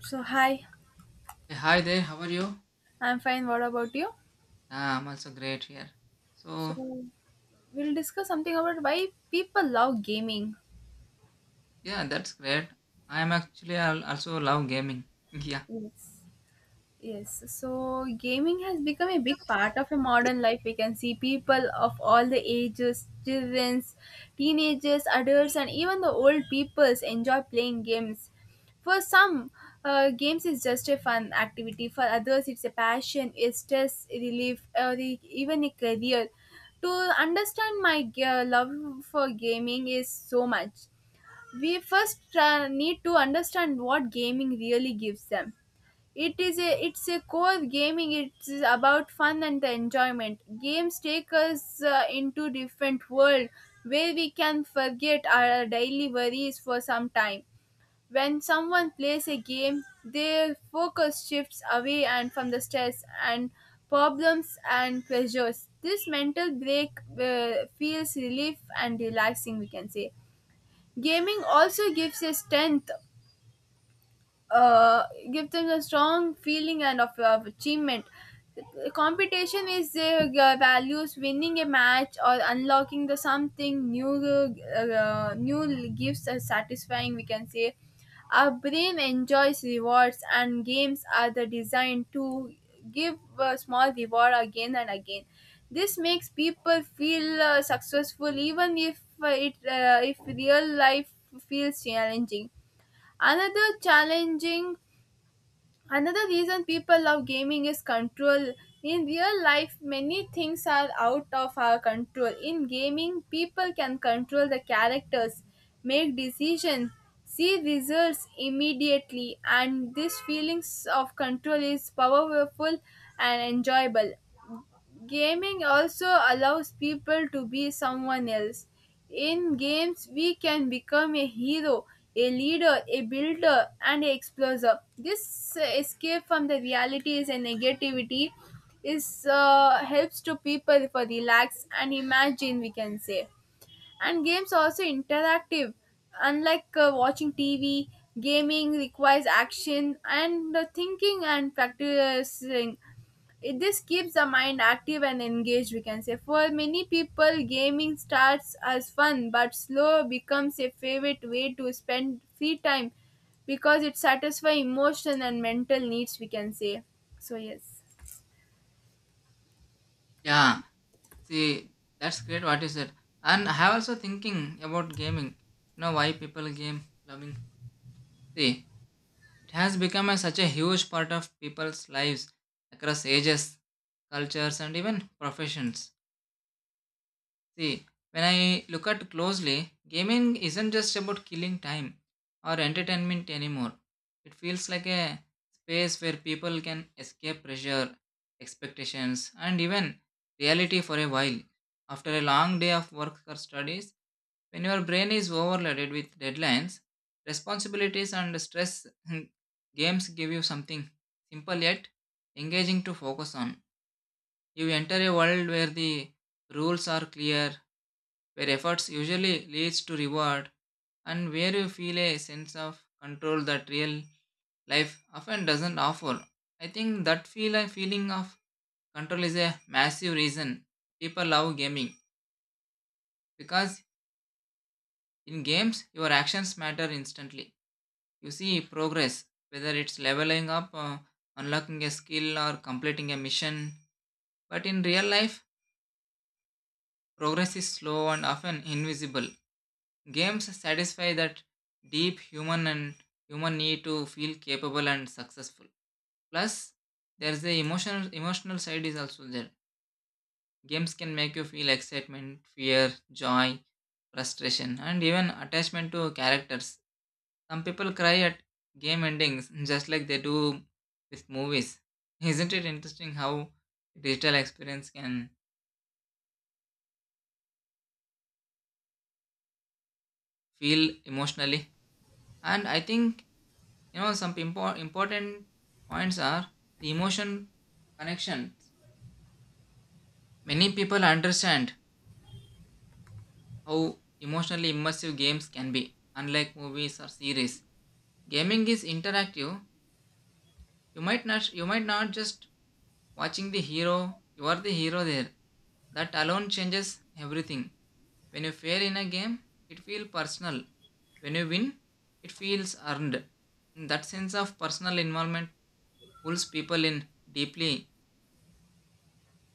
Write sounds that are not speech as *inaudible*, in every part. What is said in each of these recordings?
So, hi, Hey, hi there, how are you? I'm fine. What about you? Ah, I'm also great here. So, So, we'll discuss something about why people love gaming. yeah, that's great. I am actually also love gaming. *laughs* Yeah, Yes. Yes, so gaming has become a big part of a modern life. We can see people of all the ages, childrens, teenagers, adults, and even the old peoples enjoy playing games. For some, games is just a fun activity. For others, it's a passion, a stress relief, or even a career. To understand my love for gaming is so much. We first need to understand what gaming really gives them. It's a core gaming, it's about fun and the enjoyment. Games take us into different world where we can forget our daily worries for some time. When someone plays a game, their focus shifts away and from the stress and problems and pressures. This mental break feels relief and relaxing, we can say. Gaming also gives a strength, uh, give them a strong feeling and of achievement. Competition is values winning a match or unlocking the something new. New gives us satisfying. We can say our brain enjoys rewards, and games are the designed to give a small reward again and again. This makes people feel successful, even if real life feels challenging. Another challenging, Another reason people love gaming is control. In real life, many things are out of our control. In gaming, people can control the characters, make decisions, see results immediately, and this feelings of control is powerful and enjoyable. Gaming also allows people to be someone else. In games, we can become a hero, a leader, a builder, and an explorer. This escape from the realities and negativity is helps to people for relax and imagine, we can say. And games are also interactive, unlike watching TV. Gaming requires action and thinking and practicing this keeps the mind active and engaged, we can say. For many people, gaming starts as fun but slow becomes a favorite way to spend free time because it satisfies emotion and mental needs, we can say. So yes. yeah. See, that's great, what you said. And I have also thinking about gaming. You know why people game loving? See, it has become a, such a huge part of people's lives across ages, cultures, and even professions. See, when I look at closely, gaming isn't just about killing time or entertainment anymore. It feels like a space where people can escape pressure, expectations, and even reality for a while. After a long day of work or studies, when your brain is overloaded with deadlines, responsibilities, and stress, *laughs* games give you something simple yet engaging to focus on. You enter a world where the rules are clear, where efforts usually leads to reward and where you feel a sense of control that real life often doesn't offer. I think that feeling of control is a massive reason people love gaming because in games your actions matter instantly. You see progress whether it's leveling up, unlocking a skill or completing a mission. But in real life progress is slow and often invisible. Games satisfy that deep human need to feel capable and successful. Plus, there's the emotional side is also there. Games can make you feel excitement, fear, joy, frustration, and even attachment to characters. Some people cry at game endings *laughs* just like they do with movies. *laughs* Isn't it interesting how digital experience can feel emotionally? And I think, you know, some important points are the emotion connection. Many people understand how emotionally immersive games can be. Unlike movies or series, gaming is interactive. You might not you might not just watching the hero, you are the hero there. That alone changes everything. When you fail in a game, it feels personal. When you win, it feels earned. That sense of personal involvement pulls people in deeply.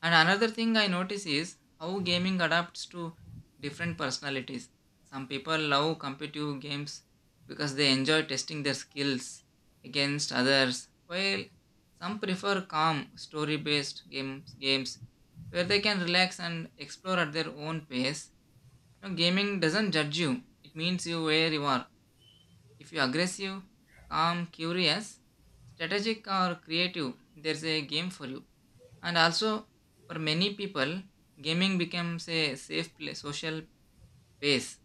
And another thing I notice is how gaming adapts to different personalities. Some people love competitive games because they enjoy testing their skills against others, while some prefer calm, story based games, games where they can relax and explore at their own pace. You know, gaming doesn't judge you, it means you where you are. If you're aggressive, calm, curious, strategic, or creative, there's a game for you. And also, for many people, gaming becomes a safe pla social space.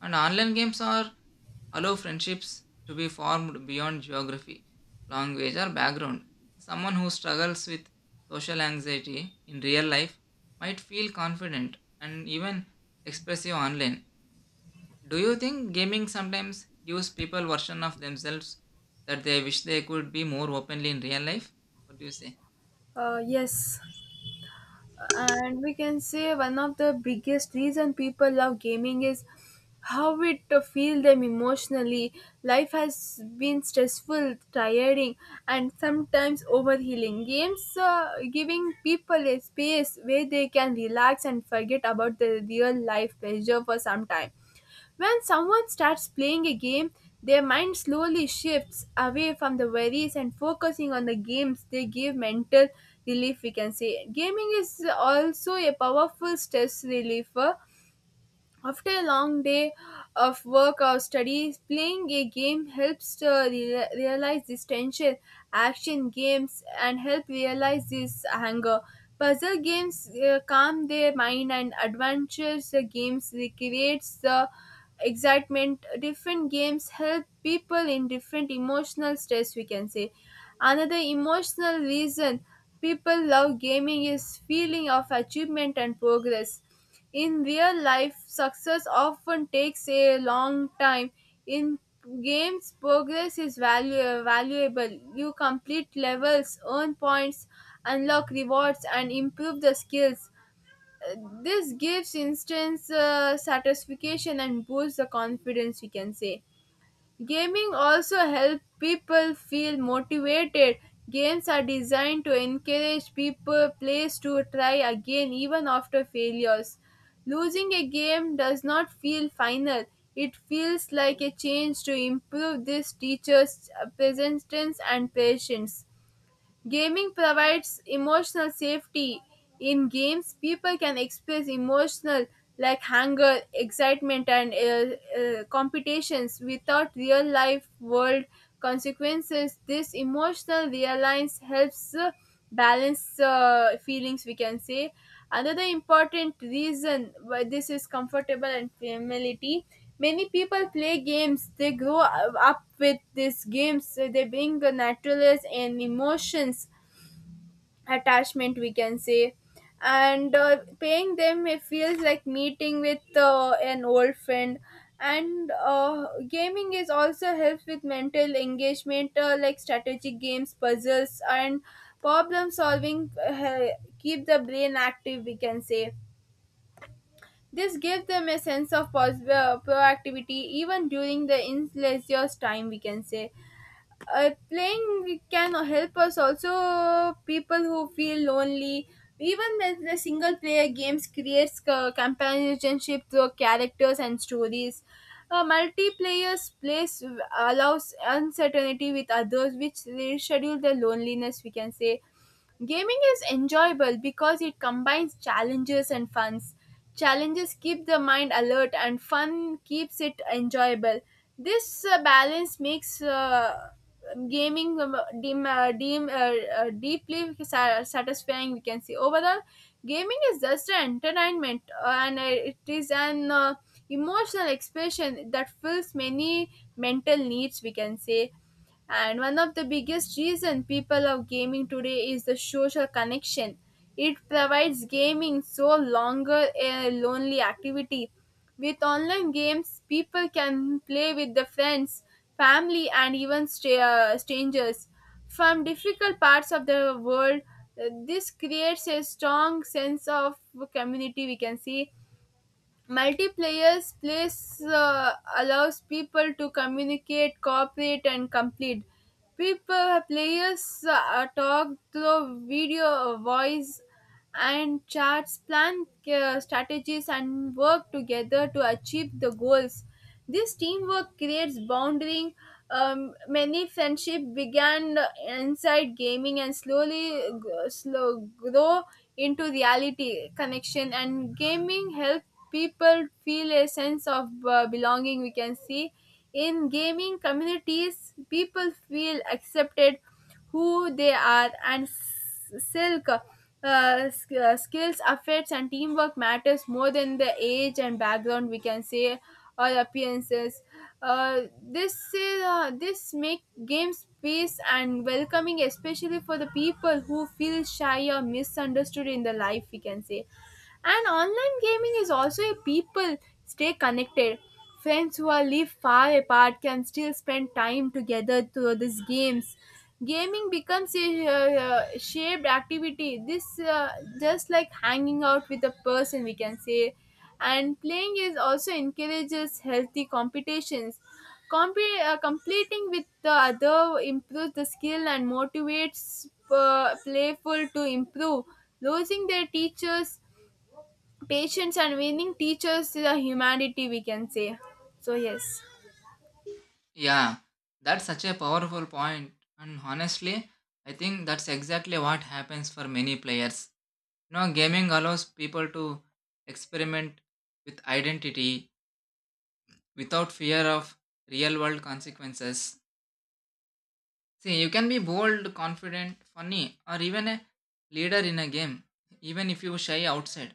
And online games are allow friendships to be formed beyond geography, language, or background. Someone who struggles with social anxiety in real life might feel confident and even expressive online. Do you think gaming sometimes gives people version of themselves that they wish they could be more openly in real life? What do you say? Yes, and we can say one of the biggest reason people love gaming is how it feel them emotionally. Life has been stressful, tiring, and sometimes overhealing. Games giving people a space where they can relax and forget about the real life pressure for some time. When someone starts playing a game, their mind slowly shifts away from the worries and focusing on the games. They give mental relief, we can say. Gaming is also a powerful stress reliever. After a long day of work or studies, playing a game helps to realize this tension. Action games and help realize this anger. Puzzle games calm their mind, and adventures games recreates the excitement. Different games help people in different emotional stress, we can say. Another emotional reason people love gaming is feeling of achievement and progress. In real life, success often takes a long time. In games, progress is valuable. You complete levels, earn points, unlock rewards, and improve the skills. Uh, This gives instant satisfaction and boosts the confidence, we can say. Gaming also helps people feel motivated. Games are designed to encourage people players to try again even after failures. Losing a game does not feel final. It feels like a chance to improve this teacher's presence and patience. Gaming provides emotional safety. In games, people can express emotional like anger, excitement, and competitions without real life world consequences. This emotional reliance helps. Balance feelings, we can say. Another important reason why this is comfortable and familiarity, many people play games they grow up with. These games they bring naturalness and emotions attachment, we can say. And paying them it feels like meeting with an old friend. And gaming is also helps with mental engagement, like strategic games, puzzles and problem solving keep the brain active, we can say. This gives them a sense of proactivity even during the in leisure time, we can say. Playing can help us also people who feel lonely, even when the single player games creates companionship through characters and stories. A multiplayer place allows uncertainty with others which reschedule the loneliness, we can say. Gaming is enjoyable because it combines challenges and funs. Challenges keep the mind alert and fun keeps it enjoyable. This balance makes gaming dim, dim, deeply sa- satisfying, we can say. Overall, gaming is just an entertainment and it is an emotional expression that fills many mental needs, we can say. And one of the biggest reason people of gaming today is the social connection. It provides gaming so longer a lonely activity. With online games, people can play with their friends, family, and even strangers from difficult parts of the world. This creates a strong sense of community, we can see. Multiplayer plays allows people to communicate, cooperate, and complete. People players talk through video, voice, and charts, plan strategies, and work together to achieve the goals. This teamwork creates bonding. Many friendship began inside gaming and slow grow into reality connection. And gaming help people feel a sense of belonging, we can see. In gaming communities, people feel accepted who they are, and skills affects and teamwork matters more than the age and background, we can say, or appearances. This make games peace and welcoming, especially for the people who feel shy or misunderstood in the life, we can say. And online gaming is also a people stay connected. Friends who are live far apart can still spend time together through these games. Gaming becomes a shared activity. This just like hanging out with a person, we can say. And playing is also encourages healthy competitions. Completing with the other improves the skill and motivates playful to improve. Losing their teachers patience and winning teachers the humanity, we can say. So, yes. Yeah, that's such a powerful point. And honestly, I think that's exactly what happens for many players. You know, gaming allows people to experiment with identity without fear of real world consequences. See, you can be bold, confident, funny, or even a leader in a game, even if you shy outside.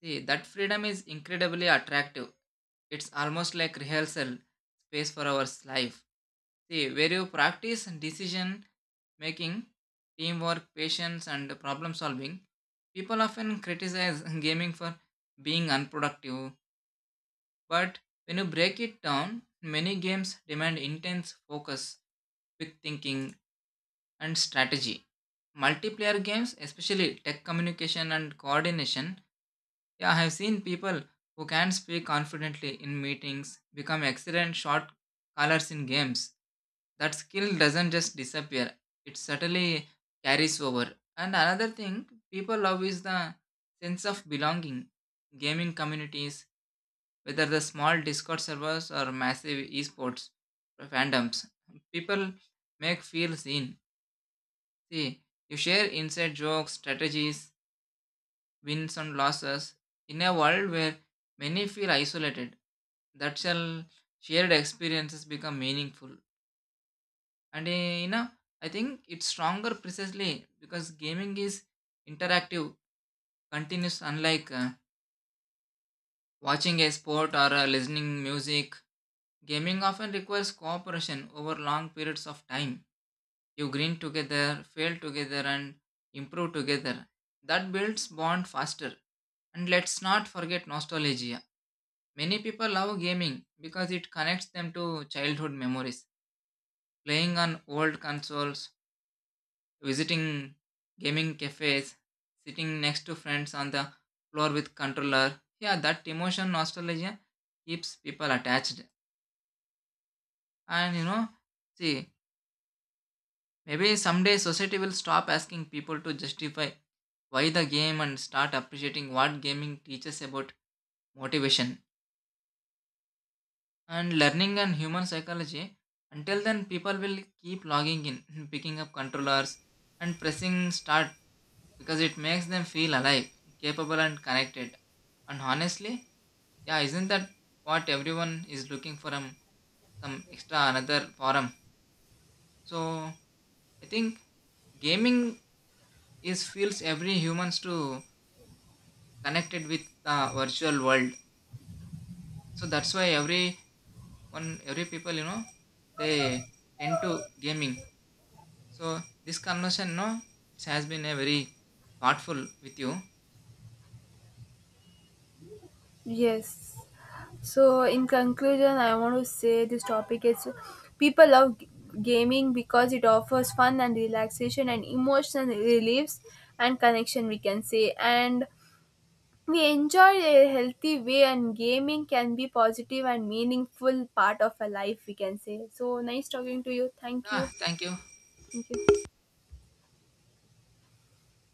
See, that freedom is incredibly attractive. It's almost like rehearsal space for our life. See, where you practice decision making, teamwork, patience, and problem solving, people often criticize *laughs* gaming for being unproductive. But when you break it down, many games demand intense focus, quick thinking, and strategy. Multiplayer games, especially tech communication and coordination, yeah, I have seen people who can speak confidently in meetings become excellent shot callers in games. That skill doesn't just disappear, it certainly carries over. And another thing people love is the sense of belonging. Gaming communities, whether the small Discord servers or massive esports fandoms, people make feel seen. See, you share inside jokes, strategies, wins and losses. In a world where many feel isolated, that shall shared experiences become meaningful. And you know, I think it's stronger precisely because gaming is interactive, continuous, unlike watching a sport or listening music. Gaming often requires cooperation over long periods of time. You grin together, fail together, and improve together. That builds bond faster. And let's not forget nostalgia. Many people love gaming because it connects them to childhood memories. Playing on old consoles, visiting gaming cafes, sitting next to friends on the floor with controller. Yeah, that emotion nostalgia keeps people attached. And you know, see, maybe someday society will stop asking people to justify why the game and start appreciating what gaming teaches about motivation and learning and human psychology. Until then, people will keep logging in, *laughs* picking up controllers, and pressing start because it makes them feel alive, capable, and connected. And honestly, yeah, isn't that what everyone is looking for? Some extra another forum. So I think gaming is feels every humans to connected with the virtual world. So that's why every one, every people, you know, they tend to gaming. So this conversation, no, it has been a very thoughtful with you. Yes. So, Okay. in conclusion, I want to say this topic is people love gaming because it offers fun and relaxation and emotional reliefs and connection, we can say. And we enjoy a healthy way, and gaming can be positive and meaningful part of a life, we can say. So, nice talking to you. Thank Yeah, you. thank you. Thank you.